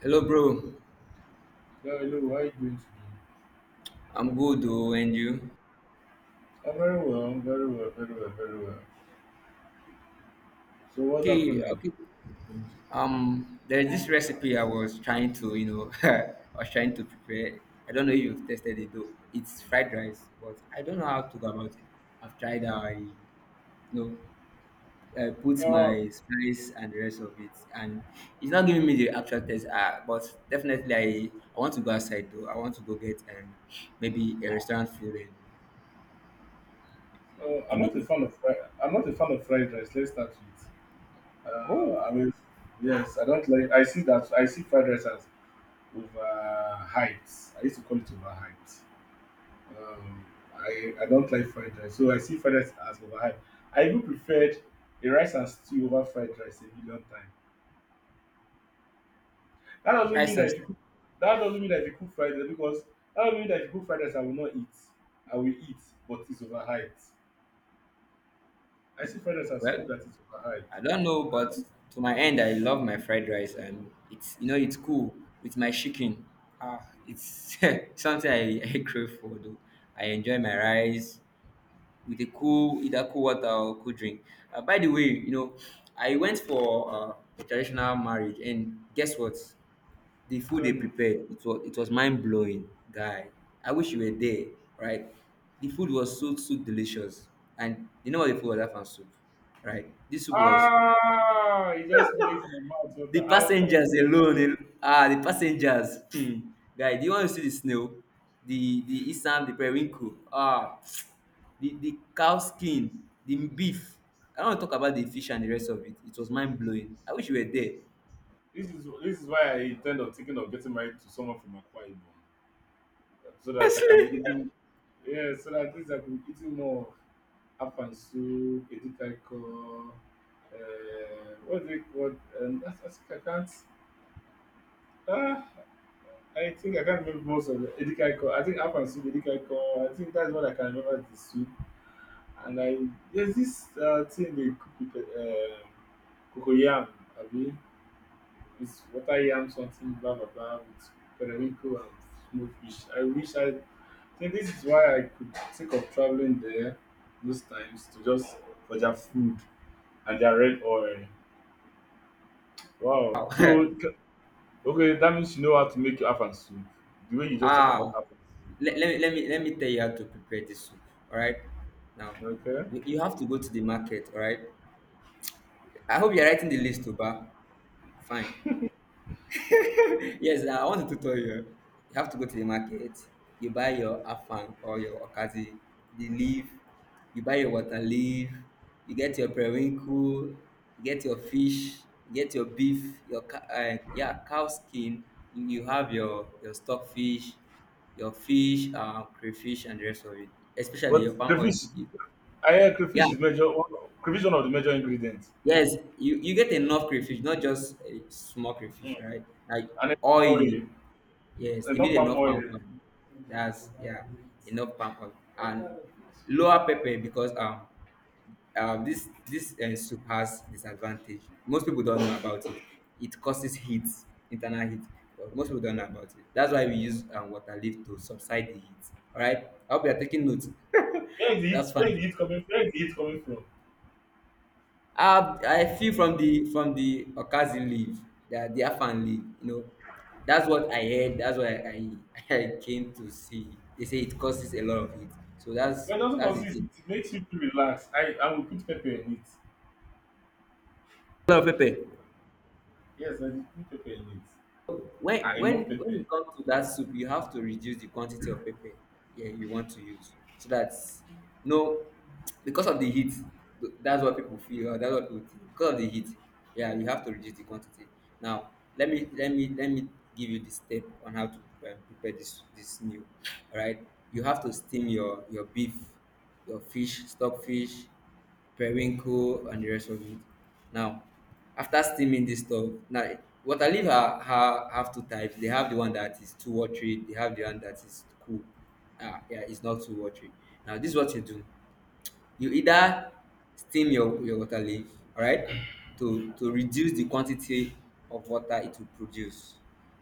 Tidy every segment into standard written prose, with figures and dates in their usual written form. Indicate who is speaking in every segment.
Speaker 1: Hello, bro.
Speaker 2: Well, hello, how are you doing today?
Speaker 1: I'm good, though, and you?
Speaker 2: I'm very well, very well, very well. So what's
Speaker 1: Okay,
Speaker 2: happening?
Speaker 1: okay. There's this recipe I was trying to, I was trying to prepare. I don't know if you've tested it though. It's fried rice, but I don't know how to go about it. I've tried. Know, I put
Speaker 2: Uh,
Speaker 1: my spice and the rest of it, and it's not giving me the actual taste. But definitely, I want to go outside though. I want to go get maybe a restaurant food, and,
Speaker 2: I'm
Speaker 1: and it.
Speaker 2: not a fan of fried. I'm not a fan of fried rice. Let's start with.
Speaker 1: Oh,
Speaker 2: I mean, yes, I don't like. I see that. I see fried rice as overhyped. I used to call it overhyped. Um, I don't like fried rice, so I see fried rice as overhyped. I even preferred a rice and stew over fried rice a million times. That doesn't mean
Speaker 1: rice
Speaker 2: that
Speaker 1: and
Speaker 2: if you cook that doesn't mean that if you cook fried rice because that doesn't mean that if you cook fried rice I will not eat. I will eat, but it's overhyped. I see fried rice as food
Speaker 1: well,
Speaker 2: that is overhyped.
Speaker 1: I don't know, but to my end, I love my fried rice, and it's you know it's cool with my chicken. Ah, it's something I crave for. Though I enjoy my rice with a cool either cool water or cool drink. By the way, I went for a traditional marriage, and guess what? The food
Speaker 2: Tell
Speaker 1: they
Speaker 2: me.
Speaker 1: prepared, it was mind blowing, guy. I wish you were there, right? The food was so so delicious, and you know what the food was? That soup, right? This soup was
Speaker 2: Ah, it just make my mouth
Speaker 1: the
Speaker 2: water. How far?
Speaker 1: passengers alone, the passengers. Hmm. Guy, do you want to see the snail? The isam, the periwinkle, the cow skin, the beef. I don't want to talk about the fish and the rest of it. It was mind blowing. I wish you were there.
Speaker 2: This is why I intend on thinking of getting married to someone from Akwa Ibom, so that I can be eating. Yeah, so that at least I can be eating more of Afansu, Edikaiko. What is it called? That's, I can't. Ah, I think I can't remember most of Edikaiko. I think Up and Soup, Edikaiko. I think that's what I can remember the soup. And I there's this thing they cook with cocoyam, abi? It's water yam something, blah blah blah, with periwinkle and smoked fish. I think this is why I could think of traveling there those times to just for their food and their red oil. Wow.
Speaker 1: Wow.
Speaker 2: So okay, that means you know how to make your Afan soup. The way you just talk about
Speaker 1: ah,
Speaker 2: Afan
Speaker 1: let me tell you how to prepare this soup. All right, now
Speaker 2: soup. Okay.
Speaker 1: you have to go to the market. All right. I hope you're writing the list, Oba. Fine. Yes, I want a tutorial. You have to go to the market, you buy your afang or your okazi, the leaf, you buy your water leaf, you get your periwinkle, you get your fish, you get your beef, your yeah, cow skin, you have your stockfish, your fish, crayfish, and the rest of it, especially your
Speaker 2: But
Speaker 1: palm oil.
Speaker 2: crayfish, I hear
Speaker 1: Yeah,
Speaker 2: crayfish is major one, crayfish one of the major ingredients,
Speaker 1: yes, you get enough crayfish, not just a small crayfish, all right? Like
Speaker 2: and then oil,
Speaker 1: oily. Yes,
Speaker 2: and
Speaker 1: you need
Speaker 2: not palm
Speaker 1: enough
Speaker 2: oil.
Speaker 1: palm oil. That's yeah, enough palm oil and lower pepper because this soup has disadvantage. Most people don't know about it. It causes heat, internal heat, but most people don't know about it. That's why we use water leaf to subside the heat. All right, I hope you are taking notes.
Speaker 2: Where is the heat?
Speaker 1: That's
Speaker 2: Where is
Speaker 1: fine.
Speaker 2: the heat coming? Where is the heat coming from?
Speaker 1: I feel from the Okazi leave, the Afan leave. That's what I heard. That's what I I came to see. They say it causes a lot of heat. So that's
Speaker 2: When it doesn't
Speaker 1: that's the
Speaker 2: consist,
Speaker 1: thing.
Speaker 2: it makes you feel relaxed. I will put pepper in it.
Speaker 1: Hello, Pepe.
Speaker 2: Yes, I will put pepper in it.
Speaker 1: when
Speaker 2: Ah,
Speaker 1: when
Speaker 2: enough
Speaker 1: when
Speaker 2: pepper.
Speaker 1: it comes to that soup, you have to reduce the quantity of pepper, yeah, you want to use, so that no, because of the heat, that's what people feel, or that's what people think, because of the heat, yeah, you have to reduce the quantity. Now, let me give you the step on how to prepare this meal. All right, you have to steam your beef, your fish, stock fish, periwinkle, and the rest of it. Now, after steaming this stuff, now water leaf have two types. They have the one that is too watery. They have the one that is cool. Yeah, it's not too watery. Now, this is what you do. You either steam your water leaf, all right, to reduce the quantity of water it will produce.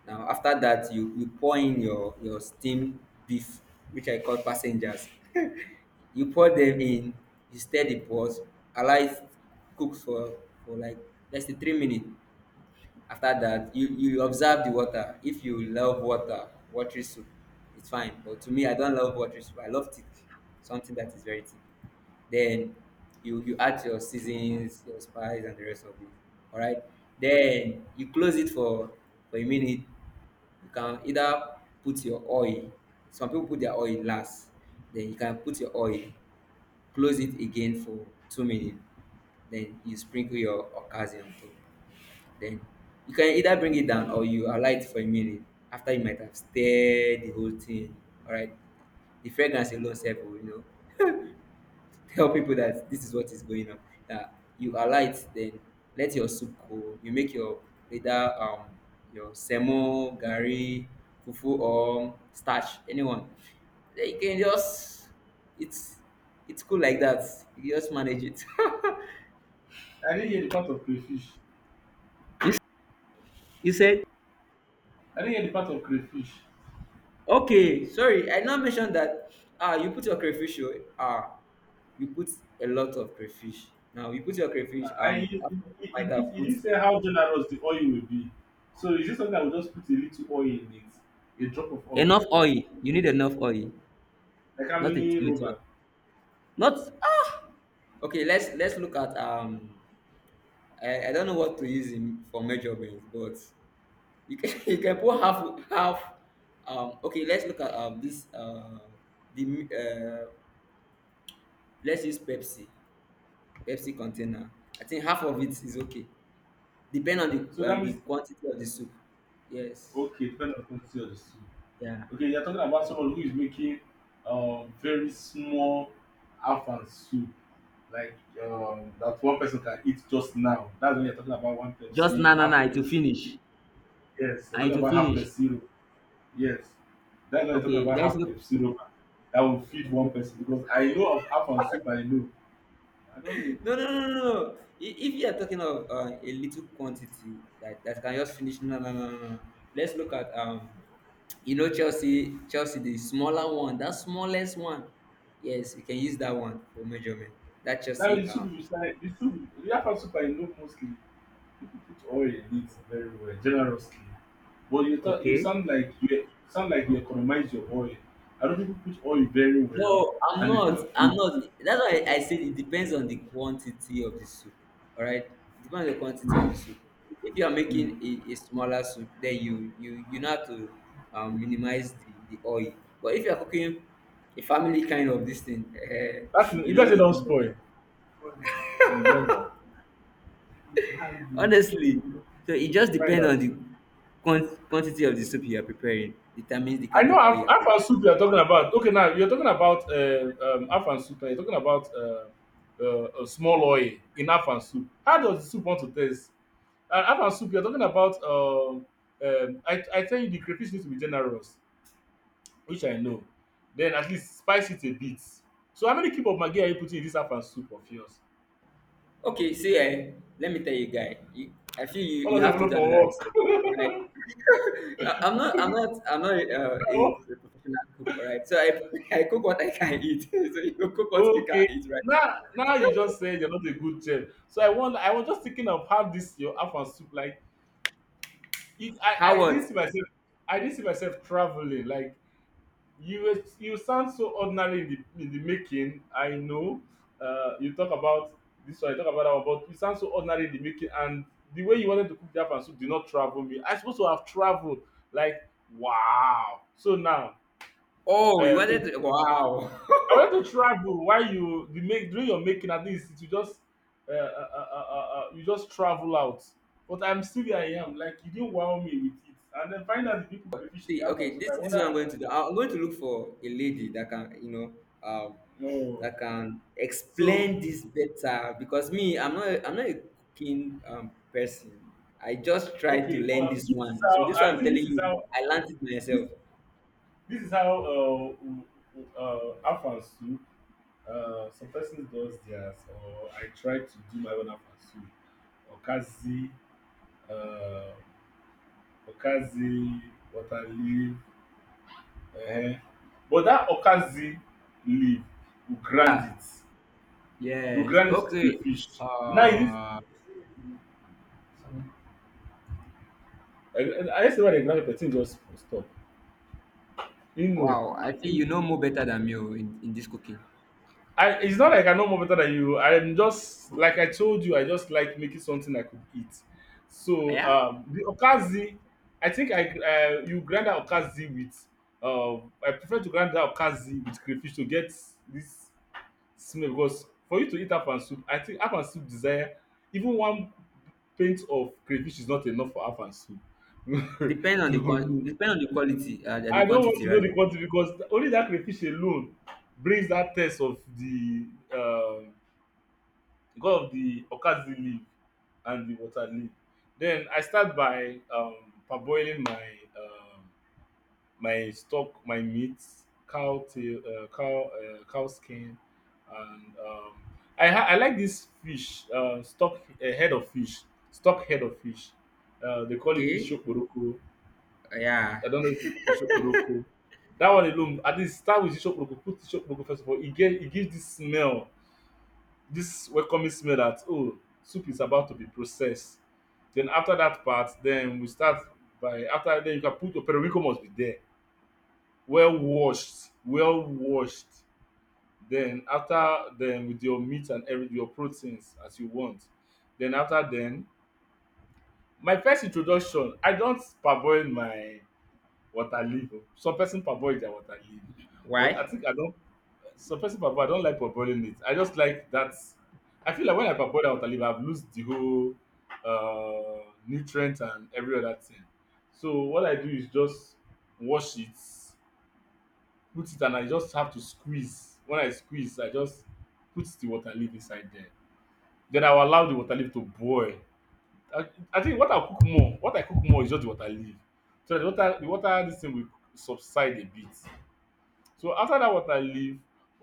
Speaker 1: Now, after that, you pour in your steam beef, which I call passengers. You pour them in, you stir the pot, allow it cook for like let's say 3 minutes. After that, you observe the water. If you love watery soup, it's fine. But to me, I don't love watery soup. I love thick, something that is very thick. Then you add your seasons, your spice, and the rest of it. All right. Then you close it for a minute. You can either put your oil. Some people put their oil last. Then you can put your oil. Close it again for 2 minutes. Then you sprinkle your okazi on top. Then you can either bring it down or you allow it for a minute after you might have stirred the whole thing. Alright, the fragrance alone sef will tell people that this is what is going on. That you are light, then let your soup cool. You make your either your semo, gari, fufu, or starch. Anyone, then you can just, it's cool like that. You just manage it.
Speaker 2: I didn't hear the part of crayfish.
Speaker 1: you, s- you said
Speaker 2: I didn't hear the part of crayfish.
Speaker 1: okay. Sorry, I now mentioned that. You put your crayfish. Oh, Ah, you put a lot of crayfish. Now you put your crayfish.
Speaker 2: I I- it, it,
Speaker 1: After you
Speaker 2: it,
Speaker 1: might have
Speaker 2: didn't, it
Speaker 1: put
Speaker 2: didn't say how generous the oil will be. So is this something I will just put a little oil in it, a drop of oil,
Speaker 1: enough oil. You need enough oil,
Speaker 2: like how
Speaker 1: not a
Speaker 2: many
Speaker 1: little
Speaker 2: rubber.
Speaker 1: oil. Not ah. Okay, let's look at I don't know what to use in, for measurements, but you can you can put half okay, let's look at this the mi- uh let's use Pepsi. Pepsi container. I think half of it is okay. Depend on
Speaker 2: So
Speaker 1: the uh,
Speaker 2: that
Speaker 1: the
Speaker 2: means,
Speaker 1: quantity of the soup. Yes.
Speaker 2: okay, depending on the quantity of the soup.
Speaker 1: Yeah.
Speaker 2: Okay, you're talking about someone who is making very small afan soup, like that one person can eat just now. That's when you're talking about one
Speaker 1: Just
Speaker 2: Pepsi,
Speaker 1: na na
Speaker 2: half
Speaker 1: na. It will
Speaker 2: Pepsi.
Speaker 1: finish.
Speaker 2: Yes, you're
Speaker 1: I
Speaker 2: talking
Speaker 1: to
Speaker 2: about half
Speaker 1: finish.
Speaker 2: Pepsi. Yes, that's when you're talking
Speaker 1: Okay.
Speaker 2: about
Speaker 1: Let's
Speaker 2: half
Speaker 1: look.
Speaker 2: Pepsi that will feed one person because I know of afan soup. I know. I don't know.
Speaker 1: No, no, no, no, no. If you are talking of a little quantity that can just finish, no, no, no, no, no. Let's look at Chelsea, the smaller one, that smallest one. Yes, you can use that one for measurement. That
Speaker 2: Now
Speaker 1: Chelsea
Speaker 2: the soup,
Speaker 1: um
Speaker 2: you say the soup the afan soup I know mostly, with oil in it very well, generously. But you talk, you
Speaker 1: Okay.
Speaker 2: sound like you economize your oil. I don't know people put oil very well,
Speaker 1: No, I'm
Speaker 2: and they put
Speaker 1: not.
Speaker 2: in
Speaker 1: I'm
Speaker 2: food.
Speaker 1: not. That's why I said it depends on the quantity of the soup. All right, it depends on the quantity of the soup. If you are making
Speaker 2: Mm.
Speaker 1: a smaller soup, then you know how to minimize the oil. But if you are cooking a family kind of this thing,
Speaker 2: That is, you
Speaker 1: you
Speaker 2: guys
Speaker 1: know
Speaker 2: say
Speaker 1: the
Speaker 2: don't
Speaker 1: kind of,
Speaker 2: spoil in blender.
Speaker 1: honestly. So it just
Speaker 2: Find
Speaker 1: depends
Speaker 2: out.
Speaker 1: on the quantity of the soup you are preparing. Determines the
Speaker 2: I
Speaker 1: kind
Speaker 2: know
Speaker 1: of oil
Speaker 2: half,
Speaker 1: you are.
Speaker 2: half and soup you are talking about. Okay, now you're talking about half and soup. And you're talking about a small oil in half and soup. How does the soup want to taste? Half and soup. You're talking about. I tell you, the crayfish needs to be generous. Which I know. Then at least spice it a bit. So how many cube of maggi are you putting in this Afang soup of yours?
Speaker 1: Okay, see, let me tell you, guy. I feel you,
Speaker 2: All of
Speaker 1: you
Speaker 2: them
Speaker 1: have to
Speaker 2: no
Speaker 1: do another
Speaker 2: for work.
Speaker 1: research, right? I'm not a professional cook, all right? So I, I cook what I can eat. So you cook what you
Speaker 2: Okay.
Speaker 1: can eat, right?
Speaker 2: Now you just said you're not a good chef. So I want. I was just thinking of how this your Afang soup, like it,
Speaker 1: How
Speaker 2: I didn't
Speaker 1: was?
Speaker 2: see myself I didn't see myself travelling like you sound so ordinary in the making. I know. You talk about this one, you talk about that one, but you sound so ordinary in the making, and the way you wanted to cook that soup did not travel me. I supposed to have traveled, like, wow. So now,
Speaker 1: Oh, you
Speaker 2: I
Speaker 1: wanted to, wow.
Speaker 2: wanted to travel while, you the make during your making, at least you just travel out. But I'm still where I am, like you didn't wow me with it, and then find out the people crayfish in the
Speaker 1: See,
Speaker 2: afro
Speaker 1: okay,
Speaker 2: soup. I
Speaker 1: this is
Speaker 2: wonder.
Speaker 1: what I'm going to do. I'm going to look for a lady um,
Speaker 2: No.
Speaker 1: that can
Speaker 2: So,
Speaker 1: explain this better, because me, I'm not a cooking person. I just tried to
Speaker 2: okay,
Speaker 1: learn this
Speaker 2: this is
Speaker 1: one. So
Speaker 2: how
Speaker 1: this
Speaker 2: I
Speaker 1: one I'm
Speaker 2: think, this
Speaker 1: telling
Speaker 2: is
Speaker 1: you,
Speaker 2: how
Speaker 1: I learned it
Speaker 2: this
Speaker 1: myself.
Speaker 2: this is how Afansu, some person does theirs, or I try to do my own Afansu. Okazi, uh, Okazi, water leaf, uh but that Okazi leaf will grind it,
Speaker 1: Ah, yes.
Speaker 2: to
Speaker 1: Okay.
Speaker 2: fish. Now it is,
Speaker 1: Uh,
Speaker 2: I just say why they grind it, the just stop. You
Speaker 1: wow. I think
Speaker 2: know,
Speaker 1: you know more better than me, in this cooking.
Speaker 2: I it's not like I know more better than you. I'm just like I told you, I just like making something I could eat. So
Speaker 1: Yeah.
Speaker 2: the okazi, I think I you grind that okazi with uh, I prefer to grind that okazi with crayfish to get this smell, because for you to eat afan soup, I think afan soup desire even one pint of crayfish is not enough for afan soup.
Speaker 1: Depend on the
Speaker 2: To
Speaker 1: quan-
Speaker 2: me,
Speaker 1: depend on the quality, the
Speaker 2: I don't want
Speaker 1: quantity
Speaker 2: to know
Speaker 1: rather.
Speaker 2: the quantity because only that crayfish alone brings that taste of the um god of the okazi leaf and the water leaf. Then I start by parboiling um my stock, my meat, cow tail, cow skin, and I like this fish, stock, head of fish stock head of fish. They call it
Speaker 1: Okay.
Speaker 2: ishokporoko.
Speaker 1: Yeah.
Speaker 2: I don't know if ishokporoko. That one alone, at least start with ishokporoko, put ishokporoko first of all. It gives this smell, this welcoming smell, that, oh, soup is about to be processed. Then after that part, then we start by after then you can put your periwinkle. Must be there, well washed, well washed. Then after then with your meat and every your proteins as you want. Then after then, my first introduction, I don't parboil my water leaf. Oh. Some person parboil their water leaf, but I
Speaker 1: Why?
Speaker 2: think I don't. Suppressing parboil, I don't like parboiling it. I just like that. I feel like when I parboil the water, I've lose the whole nutrient and every other thing. So what I do is just wash it, put it, and I just have to squeeze. When I squeeze, I just put the water leaf inside there. Then I will allow the water leaf to boil. I, I think what I cook more, is just the water leaf. So the water, this thing will subside a bit. So after that water leave,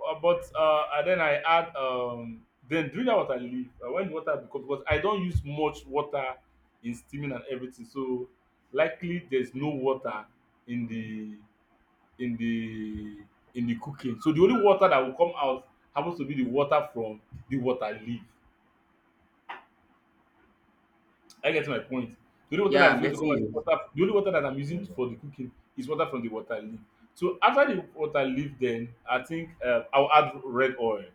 Speaker 2: but and then I add then during that water leave, when the water becomes, because I don't use much water in steaming and everything, so likely there's no water in the in the cooking. So the only water that will come out happens to be the water from the water leave. I get my point. The only water that
Speaker 1: Yeah,
Speaker 2: is
Speaker 1: I'm
Speaker 2: going to
Speaker 1: getting
Speaker 2: come out is
Speaker 1: you.
Speaker 2: water. The only water that I'm using for the cooking is water from the water leaf. So after the water leaf, then I think, I'll add red oil.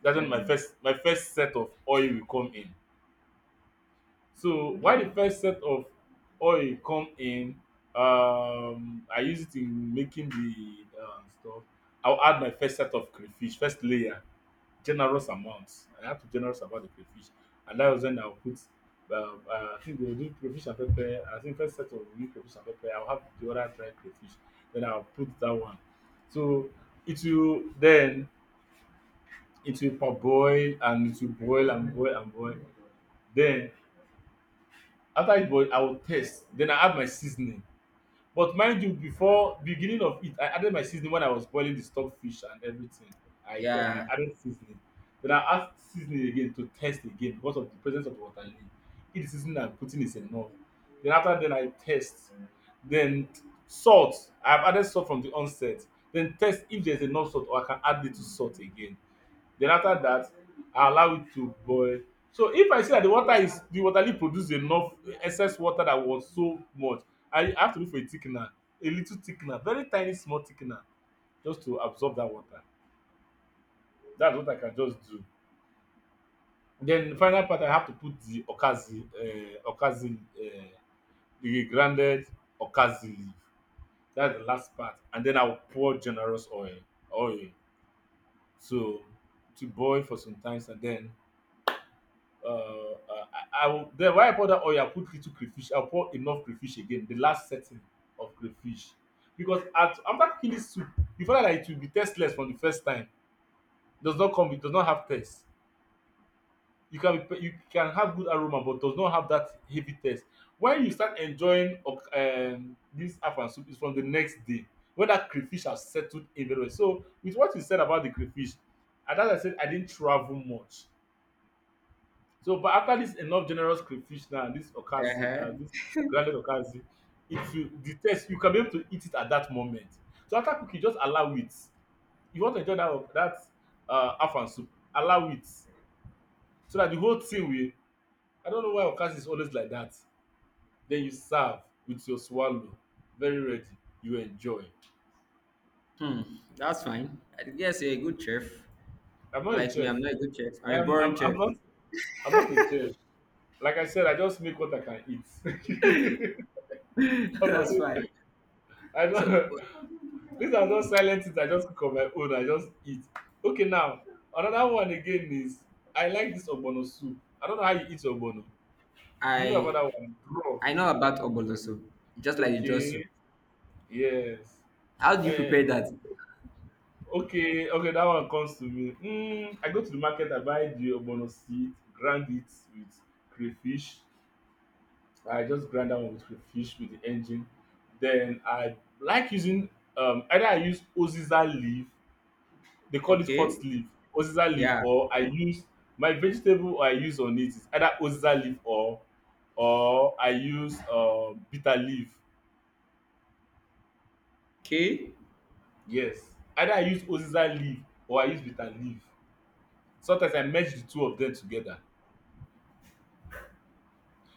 Speaker 2: That's when my first set of oil will come in. So why the first set of oil come in, I use it in making the stuff. I'll add my first set of crayfish, first layer, generous amounts. I have to generous about the crayfish. And that was when I'll put I think they'll do crayfish and pepper. I think first set of will do crayfish and pepper. I'll have the other dry crayfish. Then I'll put that one. So it will then it will parboil and it will boil and boil and boil. Then after it boil, I will taste. Then I add my seasoning. But mind you, before beginning of it, I added my seasoning when I was boiling the stockfish and everything. I
Speaker 1: Yeah.
Speaker 2: added seasoning. Then I add seasoning again to taste again because of the presence of water leaf. If the seasoning I'm putting is enough. Then after then I taste. Then salt. I've added salt from the onset. Then test if there's enough salt or I can add little salt again. Then after that, I allow it to boil. So if I see that the water leaf produce enough excess water that was so much, I have to look for a thickener, a little thickener, very tiny small thickener just to absorb that water. That's what I can just do. Then the final part I have to put the okazi okazi the grounded okazi leaf. That's the last part, and then I will pour generous oil. So to boil for some times and then Uh, uh, I will, then when I pour that oil, I put little crayfish. I pour enough crayfish again. The last setting of crayfish, because at, after cooking this soup, you find out that it will be tasteless from the first time. Does not come. It does not have taste. You can be, you can have good aroma, but does not have that heavy taste. When you start enjoying this afan soup, is from the next day when that crayfish has settled in very well. So with what you said about the crayfish, and as I said, I didn't travel much. So, but after this enough generous crayfish now, and this okazi,
Speaker 1: Uh-huh.
Speaker 2: this grounded okazi, it will the taste you can be able to eat it at that moment. So after cooking, just allow it. You want to enjoy that afan soup, allow it so that the whole thing will. I don't know why okazi is always like that. Then you serve with your swallow, very ready. You enjoy.
Speaker 1: Hmm. That's fine. I guess you're a good chef.
Speaker 2: I'm not a
Speaker 1: Like me,
Speaker 2: chef.
Speaker 1: I'm not a good chef. I'm a
Speaker 2: I'm
Speaker 1: boring
Speaker 2: I'm,
Speaker 1: chef.
Speaker 2: I'm not I'm not a chef. Like I said, I just make what I can eat. I'm not,
Speaker 1: That's
Speaker 2: a-
Speaker 1: fine.
Speaker 2: I'm
Speaker 1: So
Speaker 2: not. These are just silent things I just cook on my own. I just eat. Okay, now another one again is I like this ogbono soup. I don't know how you eat ogbono. Do you know about
Speaker 1: I
Speaker 2: that one? Raw.
Speaker 1: I know about obolo soup, just like the draw
Speaker 2: Okay.
Speaker 1: soup.
Speaker 2: Yes.
Speaker 1: How do you
Speaker 2: Eh.
Speaker 1: prepare that?
Speaker 2: Okay. Okay. That one comes to me. Mm, I go to the market. I buy the ogbono seed, grind it with crayfish. I just grind that one with crayfish with the engine. Then I like using either I use oziza leaf. They call it hot
Speaker 1: Okay.
Speaker 2: leaf, uziza leaf,
Speaker 1: Yeah.
Speaker 2: or I use my vegetable I use on it is either uziza leaf or I use bitter leaf.
Speaker 1: Okay.
Speaker 2: Yes, either I use uziza leaf or I use bitter leaf. Sometimes I merge the two of them together.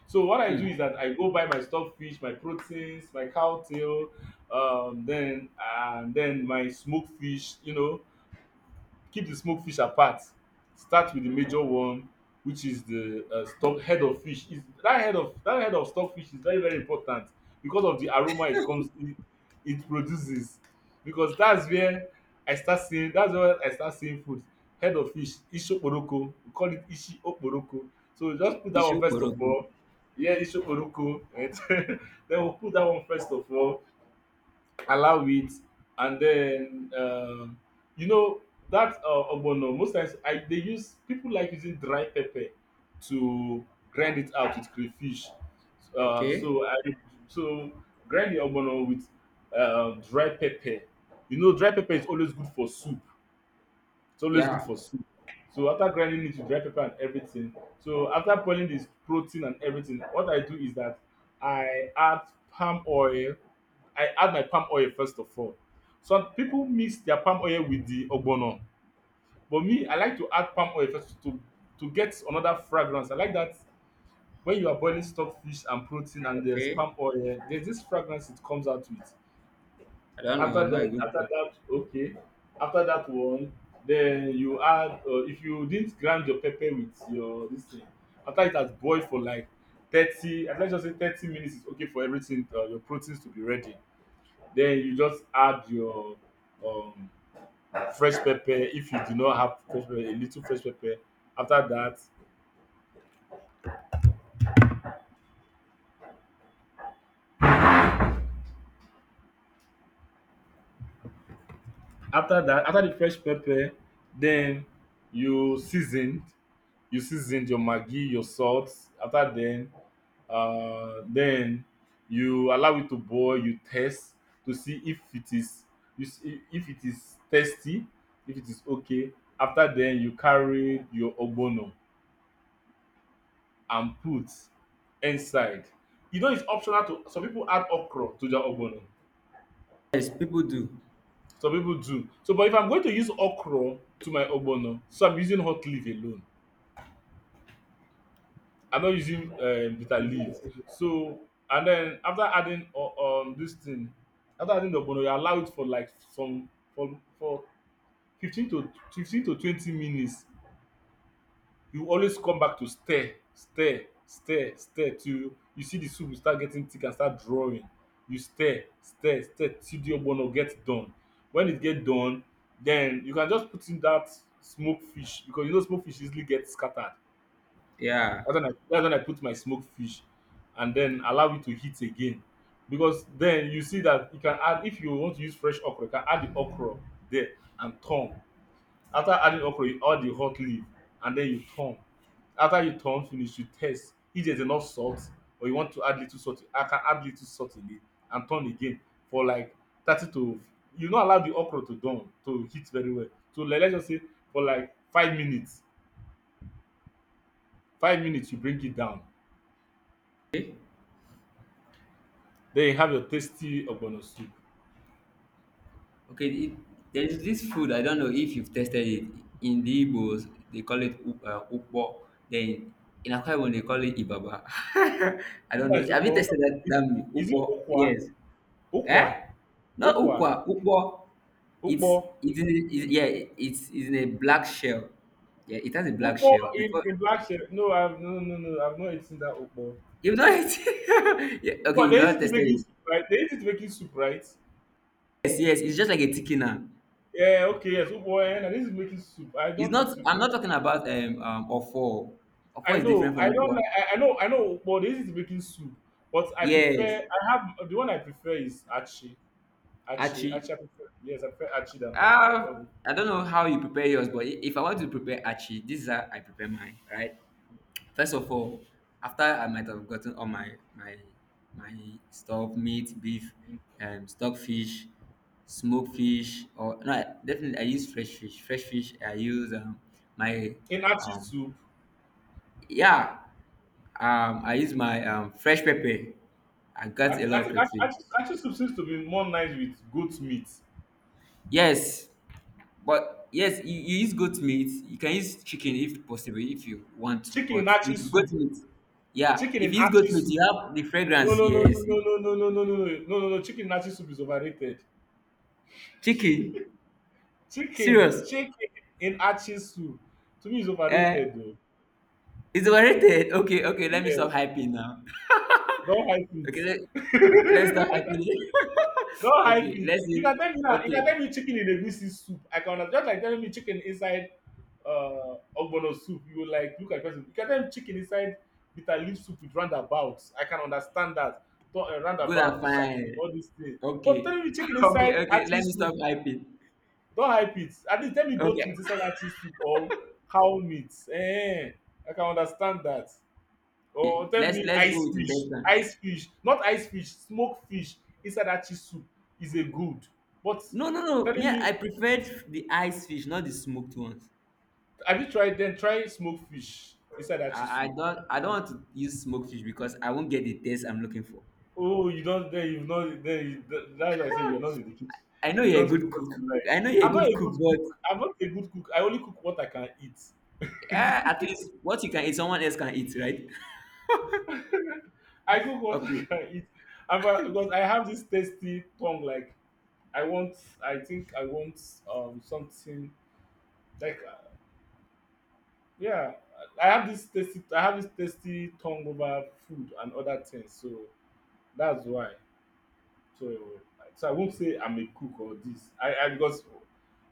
Speaker 2: So what I do
Speaker 1: Hmm.
Speaker 2: is that I go buy my stock fish, my proteins, my cow tail, then and then my smoked fish, you know, keep the smoked fish apart, start with the major one, which is the stock head of fish. Is that head of stock fish is very very important because of the aroma it comes it, it produces, because that's where I start seeing food. Head of fish ishokporoko, we call it ishi okporoko. So we just put that one
Speaker 1: Issue
Speaker 2: first of
Speaker 1: boroku.
Speaker 2: all. Yeah, ishokporoko. Right? Then we put that one first of all, allow it, and then you know, that ogbono, most times I dey use people like using dry pepper to grind it out with crayfish. uh,
Speaker 1: Okay.
Speaker 2: so i so grind the ogbono with dry pepper. You know dry pepper is always good for soup. It's always good
Speaker 1: Yeah.
Speaker 2: for soup. So after grinding it with dry pepper and everything, so after boiling the protein and everything, what I do is that I add palm oil. I add my palm oil first of all. Some people mix their palm oil with the ogbono, but me, I like to add palm oil first to get another fragrance. I like that when you are boiling stock fish and protein and there's
Speaker 1: Okay.
Speaker 2: palm oil, there's this fragrance it comes out with.
Speaker 1: I don't know.
Speaker 2: After
Speaker 1: I'm not a
Speaker 2: that
Speaker 1: good.
Speaker 2: after
Speaker 1: cook.
Speaker 2: that, okay. After that one, then you add if you didn't grind your pepper with your this thing, after it has boiled for like 30, let's just say 30 minutes is okay for everything, your proteins to be ready. Then you just add your um fresh pepper. If you do not have fresh pepper, a little fresh pepper. After that after that after the fresh pepper, then you season. You seasoned your maggi, your salt. After then you allow it to boil. You test to see if it is you see, if it is tasty, if it is okay. After then, you carry your ogbono and put inside. You know it's optional to some people add okra to their ogbono.
Speaker 1: Yes, people do.
Speaker 2: Some people do. So, but if I'm going to use okra to my ogbono, so I'm using hot leaf alone, I'm not using bitter leaf. So and then after adding this thing, after adding the ogbono, you allow it for like some for 15 to 15 to 20 minutes. You always come back to stir, stir, stir, stir till you see the soup will start getting thick and start drawing. You stir, stir, stir till the ogbono get done. When it get done, then you can just put in that smoked fish because you know smoked fish easily get scattered.
Speaker 1: Yeah.
Speaker 2: That's when I put my smoked fish and then allow it to heat again. Because then you see that you can add, if you want to use fresh okra, you can add the okra there and turn. After adding okra, you add the hot leaf and then you turn. After you turn finish, you test if there's enough salt or you want to add little salt. I can add little salt in it and turn again for like 30 to, you not allow the okra to down to heat very well. So like, let's just say for like 5 minutes, 5 minutes you bring it down.
Speaker 1: Okay.
Speaker 2: Then you have your tasty ogbono soup.
Speaker 1: Okay, there's this food, I don't know if you've tasted it. In the Igbos, they call it Ukpo. Then in Akwa Ibom, they call it Ibaba. I don't know.
Speaker 2: Sometimes
Speaker 1: Have you
Speaker 2: ukpo
Speaker 1: tasted that,
Speaker 2: is
Speaker 1: that meal?
Speaker 2: is it
Speaker 1: Ukpo?
Speaker 2: ukwa?
Speaker 1: Yes.
Speaker 2: Ukwa,
Speaker 1: Eh? Not
Speaker 2: ukwa,
Speaker 1: Ukwa, Ukpo.
Speaker 2: ukpo.
Speaker 1: It's, yeah, it's in a black shell. Yeah, it has a black
Speaker 2: Ukpo
Speaker 1: shell. Before
Speaker 2: in black shell, no, I've no, I've not eaten that ukpo.
Speaker 1: you've not yeah, okay,
Speaker 2: Ukpo
Speaker 1: you've
Speaker 2: they use
Speaker 1: not
Speaker 2: it to
Speaker 1: tested
Speaker 2: making
Speaker 1: it.
Speaker 2: soup, right? They use it to making soup, right?
Speaker 1: Yes, yes, it's just like a thickener.
Speaker 2: Yeah, okay, yes, ukpo, eh, na they use making soup. I
Speaker 1: It's
Speaker 2: don't eat
Speaker 1: not.
Speaker 2: ukpo.
Speaker 1: I'm not talking about ofo.
Speaker 2: I
Speaker 1: Ofo is different
Speaker 2: know, I
Speaker 1: from
Speaker 2: don't
Speaker 1: upo.
Speaker 2: like I know, I know. But they use it to making soup. But I prefer
Speaker 1: Yes,
Speaker 2: I have the one I prefer is achi. Achi,
Speaker 1: Achi.
Speaker 2: achi I prefer. Yes, I prefer achi than ukpo.
Speaker 1: I don't know how you prepare yours, but if I want to prepare Achi, this is how I prepare mine, right? First of all, after I might have gotten all my stuff, meat, beef, stockfish, smoked fish, or no, definitely I use fresh fish. Fresh fish, I use my
Speaker 2: In achi
Speaker 1: um,
Speaker 2: soup
Speaker 1: yeah, I use my fresh pepper. I
Speaker 2: I
Speaker 1: got a
Speaker 2: think I
Speaker 1: lot of
Speaker 2: think
Speaker 1: crayfish.
Speaker 2: achi soup seems to be more nice with goat meat.
Speaker 1: Yes, but yes, you use goat meat. You can use chicken if possible, if you want to.
Speaker 2: Chicken
Speaker 1: But
Speaker 2: in achi
Speaker 1: with
Speaker 2: soup,
Speaker 1: goat meat, yeah,
Speaker 2: chicken
Speaker 1: if
Speaker 2: in
Speaker 1: you use goat
Speaker 2: achi
Speaker 1: meat,
Speaker 2: soup.
Speaker 1: you have the
Speaker 2: No
Speaker 1: fragrance.
Speaker 2: no no no
Speaker 1: Yes,
Speaker 2: no no no no no no no no no no chicken in achi soup is overrated.
Speaker 1: chicken.
Speaker 2: Chicken,
Speaker 1: Serious?
Speaker 2: chicken in achi soup to me is
Speaker 1: Eh?
Speaker 2: overrated though.
Speaker 1: It's overrated. Okay, okay. Let me
Speaker 2: Yes,
Speaker 1: stop hyping now.
Speaker 2: don't hype
Speaker 1: okay, okay, let's stop
Speaker 2: it.
Speaker 1: hyping.
Speaker 2: Don't hype
Speaker 1: okay,
Speaker 2: it.
Speaker 1: let's.
Speaker 2: You
Speaker 1: see.
Speaker 2: can tell me now. You
Speaker 1: Okay,
Speaker 2: can tell me chicken in egusi soup. I can understand. Just like telling me chicken inside ogbono soup. You will like look at person. You can tell me chicken inside bitter leaf soup with roundabouts. I can understand that. Don't
Speaker 1: good and
Speaker 2: roundabout, ishaki,
Speaker 1: fine.
Speaker 2: all these things. But
Speaker 1: Okay,
Speaker 2: telling me chicken
Speaker 1: okay,
Speaker 2: inside
Speaker 1: okay.
Speaker 2: achi
Speaker 1: Let me
Speaker 2: soup.
Speaker 1: stop hyping.
Speaker 2: Don't hype it. At least tell me goat
Speaker 1: Okay,
Speaker 2: meat inside achi soup or cow meat. Eh, eh. I can understand that. Or tell
Speaker 1: let's
Speaker 2: me
Speaker 1: let's go with intestine.
Speaker 2: ice fish, not ice fish, smoked fish inside that chi soup is a good. But
Speaker 1: No, no, no. Me,
Speaker 2: telling me
Speaker 1: I preferred the ice fish, not the smoked ones.
Speaker 2: have you tried then try smoked fish inside that chi
Speaker 1: I, I
Speaker 2: soup?
Speaker 1: don't I don't want to use smoked fish because I won't get the taste I'm looking for.
Speaker 2: Oh, you don't then you've not then you, that's why I say you're not in the kitchen.
Speaker 1: I know
Speaker 2: You
Speaker 1: you're a
Speaker 2: don't cook
Speaker 1: good
Speaker 2: what
Speaker 1: cook.
Speaker 2: you like.
Speaker 1: I know you're a
Speaker 2: I'm not a
Speaker 1: good
Speaker 2: good
Speaker 1: cook, but
Speaker 2: cook. I'm not a good cook. I only cook what I can eat.
Speaker 1: uh, at least what you can eat, someone else can eat, right?
Speaker 2: I cook what I
Speaker 1: okay.
Speaker 2: can eat. I'm a, because I have this tasty tongue. Like I want, I think I want something like yeah, I have this tasty. I have this tasty tongue over food and other things, so that's why. So, so I won't say I'm a cook or this. I because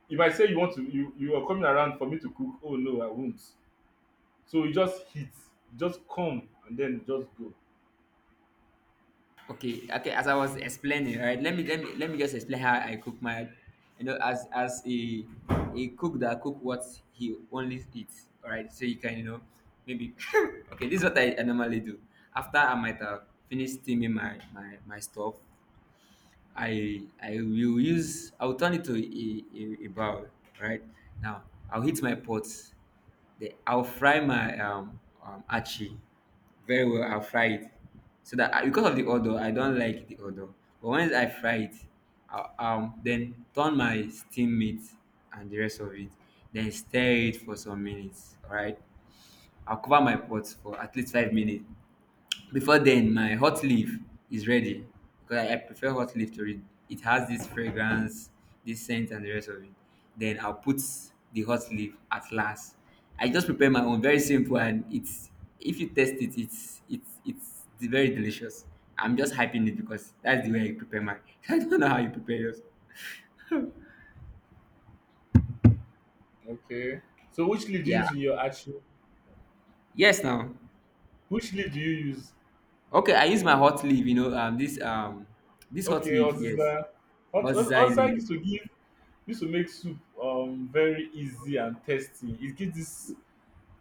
Speaker 2: if I say you want to, you are coming around for me to cook. Oh no, I won't. So you just hit, just come and then just go.
Speaker 1: Okay, okay. As I was explaining, right? Let me just explain how I cook my, you know, as a a cook that cook what he only eats. All right, so you can you know maybe okay. This is what I normally do. After I might have finished steaming my stuff, I will use I'll turn it to a barrel, right? Now I'll heat my pots. I'll fry my achi very well. I'll fry it so that I, because of the odor, I don't like the odor. But once I fry it, I'll, then turn my steam meat and the rest of it. Then stir it for some minutes. All right. I'll cover my pots for at least 5 minutes before then, my hot leaf is ready because I prefer hot leaf to it. It has this fragrance, this scent, and the rest of it. Then I'll put the hot leaf at last. I just prepare my own, very simple, and it's if you taste it, it's very delicious. I'm just hyping it because that's the way I prepare mine. I don't know how you prepare yours.
Speaker 2: Okay. So which lead do you
Speaker 1: Yeah.
Speaker 2: use in your action?
Speaker 1: Yes. Now.
Speaker 2: Which lead do you use?
Speaker 1: Okay. I use my hot leaf. You know. This. This hot
Speaker 2: Okay, or
Speaker 1: leaf. Yes.
Speaker 2: sister.
Speaker 1: What's
Speaker 2: Also,
Speaker 1: leaf?
Speaker 2: used to give used to make soup very easy and tasty. It gives this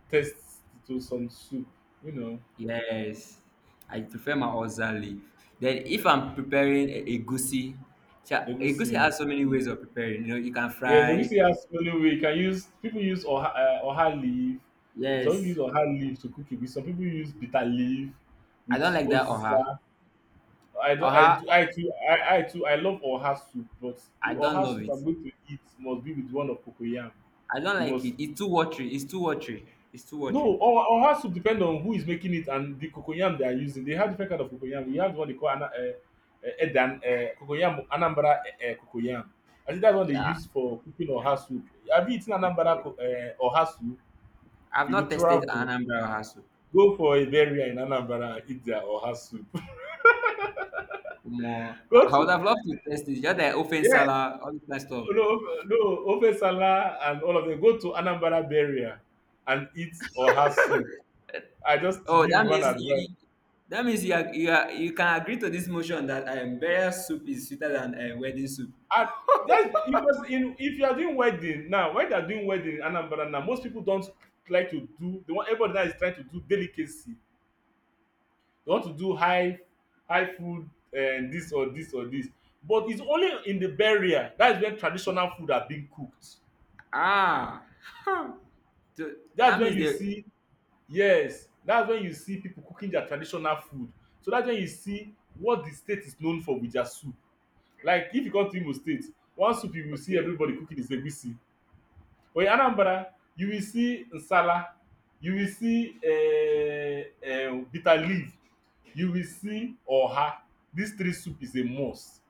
Speaker 2: test it with some soup, you know,
Speaker 1: Yes, I prefer my oza leaf. Then if I'm preparing egusi, egusi
Speaker 2: egusi.
Speaker 1: has so many ways of preparing. You know, you can
Speaker 2: Yes,
Speaker 1: fry.
Speaker 2: egusi has many way. You can use people use oha oha leaf. Some people
Speaker 1: Yes,
Speaker 2: use oha leaf to cook egusi. Some people use bitter leaf
Speaker 1: I
Speaker 2: with
Speaker 1: don't like that
Speaker 2: oziza.
Speaker 1: oha.
Speaker 2: I don't. I
Speaker 1: Oha,
Speaker 2: do. I too. I love oha soup, but the
Speaker 1: I don't
Speaker 2: oha
Speaker 1: love
Speaker 2: soup
Speaker 1: it.
Speaker 2: I'm going to eat must be with one of cocoyam.
Speaker 1: I don't
Speaker 2: You
Speaker 1: like
Speaker 2: must
Speaker 1: it. It's too watery. It's too watery. It's too
Speaker 2: no,
Speaker 1: watery.
Speaker 2: or has to depend on who is making it and the cocoyam they are using. They have different kind of cocoyam. We have what they call ana, edan cocoyam Anambra cocoyam. I think that's what they
Speaker 1: Yeah,
Speaker 2: use for cooking or has soup. Have you eaten or has soup?
Speaker 1: I've
Speaker 2: You will
Speaker 1: not tested
Speaker 2: travel,
Speaker 1: Anambra oha soup.
Speaker 2: go for a burial in Anambra, and eat their or has soup.
Speaker 1: More, I
Speaker 2: go
Speaker 1: I would
Speaker 2: to
Speaker 1: have loved to test it. Just like open
Speaker 2: yeah,
Speaker 1: salad, all this kind of stuff.
Speaker 2: no, No, Ofesala and all of them. Go to Anambra burial and eat or has soup. I just to
Speaker 1: Oh,
Speaker 2: give
Speaker 1: that
Speaker 2: you one
Speaker 1: means
Speaker 2: advice.
Speaker 1: That means you are, you are, you can agree to this motion that burial soup is sweeter than wedding soup.
Speaker 2: And That's because in if you are doing wedding now, when they are doing wedding in Anambra now, most people don't like to do. They want everybody now is trying to do delicacy. They want to do high food and this or this or this. But it's only in the burial that's when traditional food are being cooked.
Speaker 1: Ah, so
Speaker 2: That's
Speaker 1: that
Speaker 2: when
Speaker 1: means
Speaker 2: you
Speaker 1: they
Speaker 2: see Yes. That's when you see people cooking their traditional food. So that's when you see what the state is known for with their soup. Like if you come to Imo State, one soup you will see
Speaker 1: okay.
Speaker 2: everybody cooking is egusi. With Anambra, you will see nsala, you will see bitter leaf, you will see oha. These three soup is a must.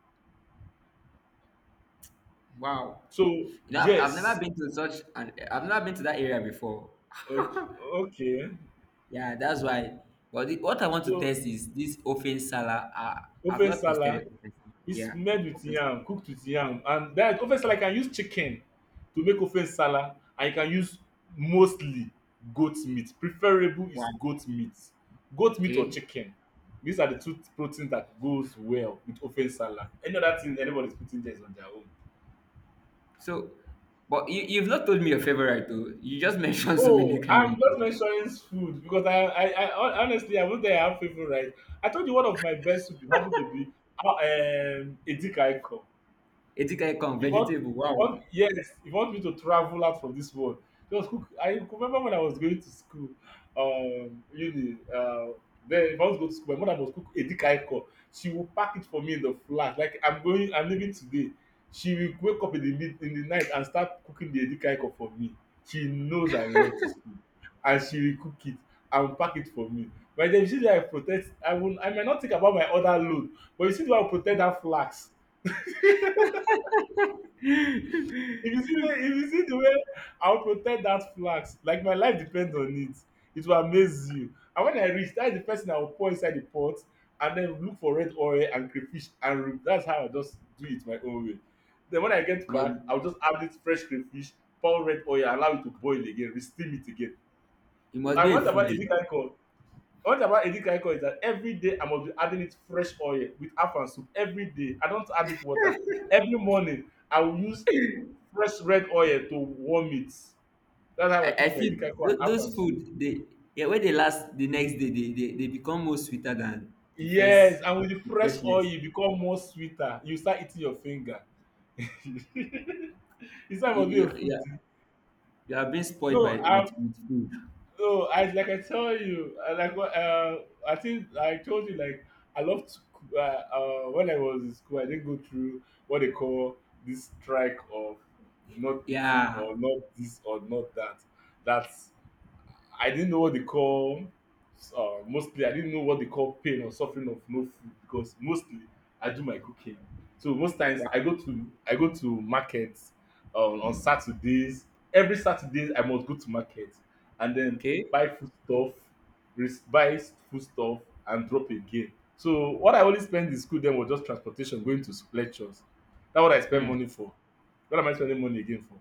Speaker 1: Wow,
Speaker 2: So
Speaker 1: you know I've never
Speaker 2: yes,
Speaker 1: been to such an I've never been to that area before.
Speaker 2: okay, okay.
Speaker 1: Yeah, that's why. But the, what I want to
Speaker 2: So
Speaker 1: test is this open sala. I've
Speaker 2: ofe
Speaker 1: not
Speaker 2: nsala.
Speaker 1: tested it. Open sala.
Speaker 2: It's
Speaker 1: Yeah,
Speaker 2: made with
Speaker 1: open sala.
Speaker 2: yam, cooked with yam, and that ofe nsala you can use chicken to make ofe nsala, and you can use mostly goat meat. Preferable is
Speaker 1: Wow.
Speaker 2: goat meat. Goat meat or
Speaker 1: Okay.
Speaker 2: chicken. These are the two proteins that goes well with ofe nsala. Any other thing anybody's putting there is on their own.
Speaker 1: So, but you've not told me your favorite though. You just mentioned so many
Speaker 2: Oh,
Speaker 1: kind
Speaker 2: I'm
Speaker 1: of.
Speaker 2: just mentioning food because I honestly I won't say I have favorite. I told you one of my best soup happened to be Edikaiko.
Speaker 1: Edikaikong
Speaker 2: He want,
Speaker 1: vegetable. Wow,
Speaker 2: yes, he want me to travel out from this world. He was cook. I remember when I was going to school, uni. Then if I was going to school, my mother was cook a dick icon. She will pack it for me in the flash. Like I'm going, I'm leaving today. She will wake up in in the night and start cooking the dick icon for me. She knows I love this food, and she will cook it and pack it for me. By the time you see that I protect, I will, I might not think about my other load, but you see the way I protect that flask. If you see the way I'll protect that flax, like my life depends on it, it will amaze you. And when I reach, that's the first thing I will pour inside the pot and then look for red oil and crayfish and root. That's how I just do it my own way. Then when I get
Speaker 1: must
Speaker 2: back, I'll just add it fresh crayfish, pour red oil, allow it to boil again, re-steam it again.
Speaker 1: he must
Speaker 2: I
Speaker 1: be
Speaker 2: want
Speaker 1: a
Speaker 2: about
Speaker 1: foodie.
Speaker 2: any kind of. One thing about edika ikong is that every day I must be adding it fresh oil, with afang soup every day. I don't add it water. Every morning I will use fresh red oil to warm it. That's how
Speaker 1: I,
Speaker 2: I
Speaker 1: I
Speaker 2: eat my
Speaker 1: feel
Speaker 2: edika ikong and
Speaker 1: those
Speaker 2: afang
Speaker 1: food
Speaker 2: soup.
Speaker 1: they yeah when they last the next day they become more sweeter than the first
Speaker 2: Yes, and with the
Speaker 1: the
Speaker 2: fresh oil
Speaker 1: freshness.
Speaker 2: e become more sweeter. You start eating your finger. You say I must be a
Speaker 1: Yeah,
Speaker 2: foodie.
Speaker 1: you have been spoiled
Speaker 2: No,
Speaker 1: by
Speaker 2: I
Speaker 1: with food.
Speaker 2: No, I like I tell you, I like what I think I told you like I love to when I was in school I didn't go through what they call this strike of not eating
Speaker 1: Yeah.
Speaker 2: or not this or not that. That's I didn't know what they call mostly I didn't know what they call pain or suffering of no food because mostly I do my cooking. So most times
Speaker 1: Wow.
Speaker 2: I go to markets on Saturdays. Every Saturday I must go to market and then
Speaker 1: Okay.
Speaker 2: buy food stuff, buy food stuff and drop again. So what I only spend in school then was just transportation going to lectures. That's what I spend
Speaker 1: Hmm.
Speaker 2: money for. What am I spending money again for?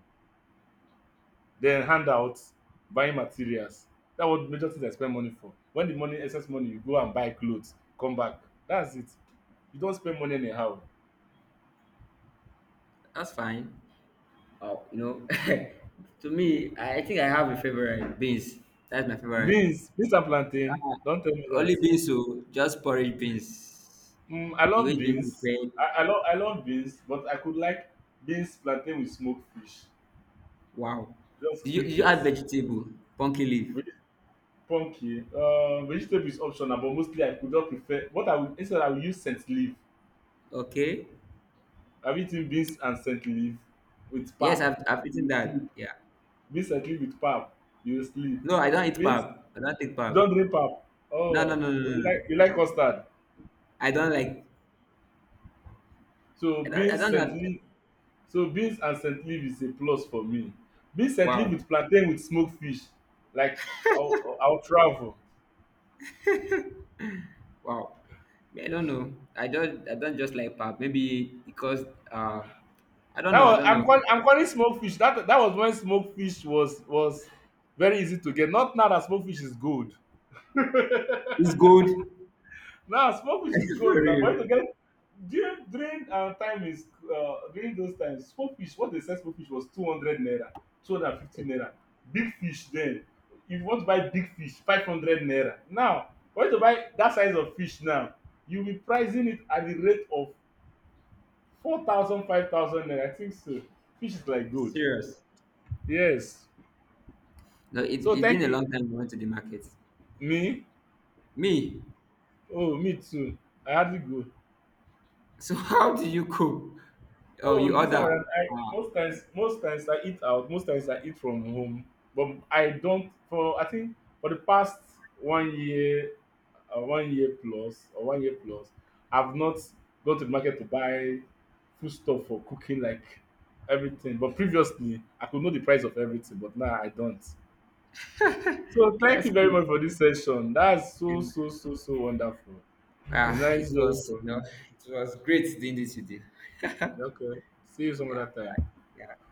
Speaker 2: Then handouts, buying materials, that what major things I spend money for. When the money excess money you go and buy clothes come back, that's it. You don't spend money anyhow.
Speaker 1: That's fine. Oh, you know, to me, I think I have a favorite beans. That's my favorite.
Speaker 2: Beans and plantain. Don't tell me
Speaker 1: Ah, only
Speaker 2: that.
Speaker 1: beans, so just porridge beans.
Speaker 2: I
Speaker 1: The
Speaker 2: love
Speaker 1: way it's
Speaker 2: beans.
Speaker 1: been prepared.
Speaker 2: I love beans, but I could like beans plantain with smoked fish,
Speaker 1: Wow.
Speaker 2: just
Speaker 1: Did you, did
Speaker 2: click
Speaker 1: you
Speaker 2: it.
Speaker 1: add vegetable? Pumpkin leaf.
Speaker 2: Veg- Pumpkin vegetable is optional, but mostly I could not prefer what I would, instead I would use scent leaf.
Speaker 1: Okay.
Speaker 2: Have you eaten beans and scent leaf with
Speaker 1: Yes,
Speaker 2: pap?
Speaker 1: I've eaten that. Yeah.
Speaker 2: Be settle with pap, you sleep.
Speaker 1: No, I don't eat pap.
Speaker 2: Beans
Speaker 1: I don't take
Speaker 2: don't
Speaker 1: pap.
Speaker 2: drink pap. Oh,
Speaker 1: No, no,
Speaker 2: oh,
Speaker 1: no, no, no.
Speaker 2: you like custard.
Speaker 1: I don't like.
Speaker 2: So
Speaker 1: I don't. I
Speaker 2: beans
Speaker 1: don't
Speaker 2: scent
Speaker 1: know.
Speaker 2: leaf so beans and scent leaf is a plus for me. Beans scent leaf
Speaker 1: Wow.
Speaker 2: with plantain with smoked fish. Like I'll travel.
Speaker 1: Wow. Me, I don't know. I don't. I don't just like pap. Maybe because uh, I don't
Speaker 2: That
Speaker 1: know. I
Speaker 2: was
Speaker 1: don't know.
Speaker 2: I'm calling smoked fish. That that was when smoked fish was very easy to get. Not now that smoked fish is good.
Speaker 1: It's good.
Speaker 2: Now, smoke fish is good
Speaker 1: For
Speaker 2: now. For you
Speaker 1: real.
Speaker 2: to get during our time is during those times, smoke fish. What they said smoke fish was 200 naira, 250 naira. Big fish then. If you want to buy big fish, 500 naira. Now, for you to buy that size of fish now, you'll be pricing it at the rate of 4,000, 5,000 naira. I think so. Fish is like gold.
Speaker 1: Serious.
Speaker 2: Yes.
Speaker 1: No,
Speaker 2: So
Speaker 1: it's
Speaker 2: thank
Speaker 1: been a
Speaker 2: you.
Speaker 1: long time I went to the market.
Speaker 2: Me?
Speaker 1: Me.
Speaker 2: Oh, me too. I hardly go.
Speaker 1: So how do you cook? Oh,
Speaker 2: Oh,
Speaker 1: you
Speaker 2: this time
Speaker 1: order.
Speaker 2: around, I
Speaker 1: Ah,
Speaker 2: most times, most times I eat out, most times I eat from home. But I don't, for I think for the past 1 year, 1 year plus or 1 year plus, I've not gone to the market to buy food stuff for cooking like everything. But previously, I could know the price of everything, but now I don't. So thank
Speaker 1: that's
Speaker 2: you very much
Speaker 1: cool.
Speaker 2: for this session. That's
Speaker 1: And
Speaker 2: so wonderful. It's
Speaker 1: it
Speaker 2: nice
Speaker 1: was
Speaker 2: hearing
Speaker 1: you know,
Speaker 2: from
Speaker 1: it was great doing this with you.
Speaker 2: you. Okay, see you some
Speaker 1: Yeah,
Speaker 2: other
Speaker 1: bye.
Speaker 2: time.
Speaker 1: Yeah.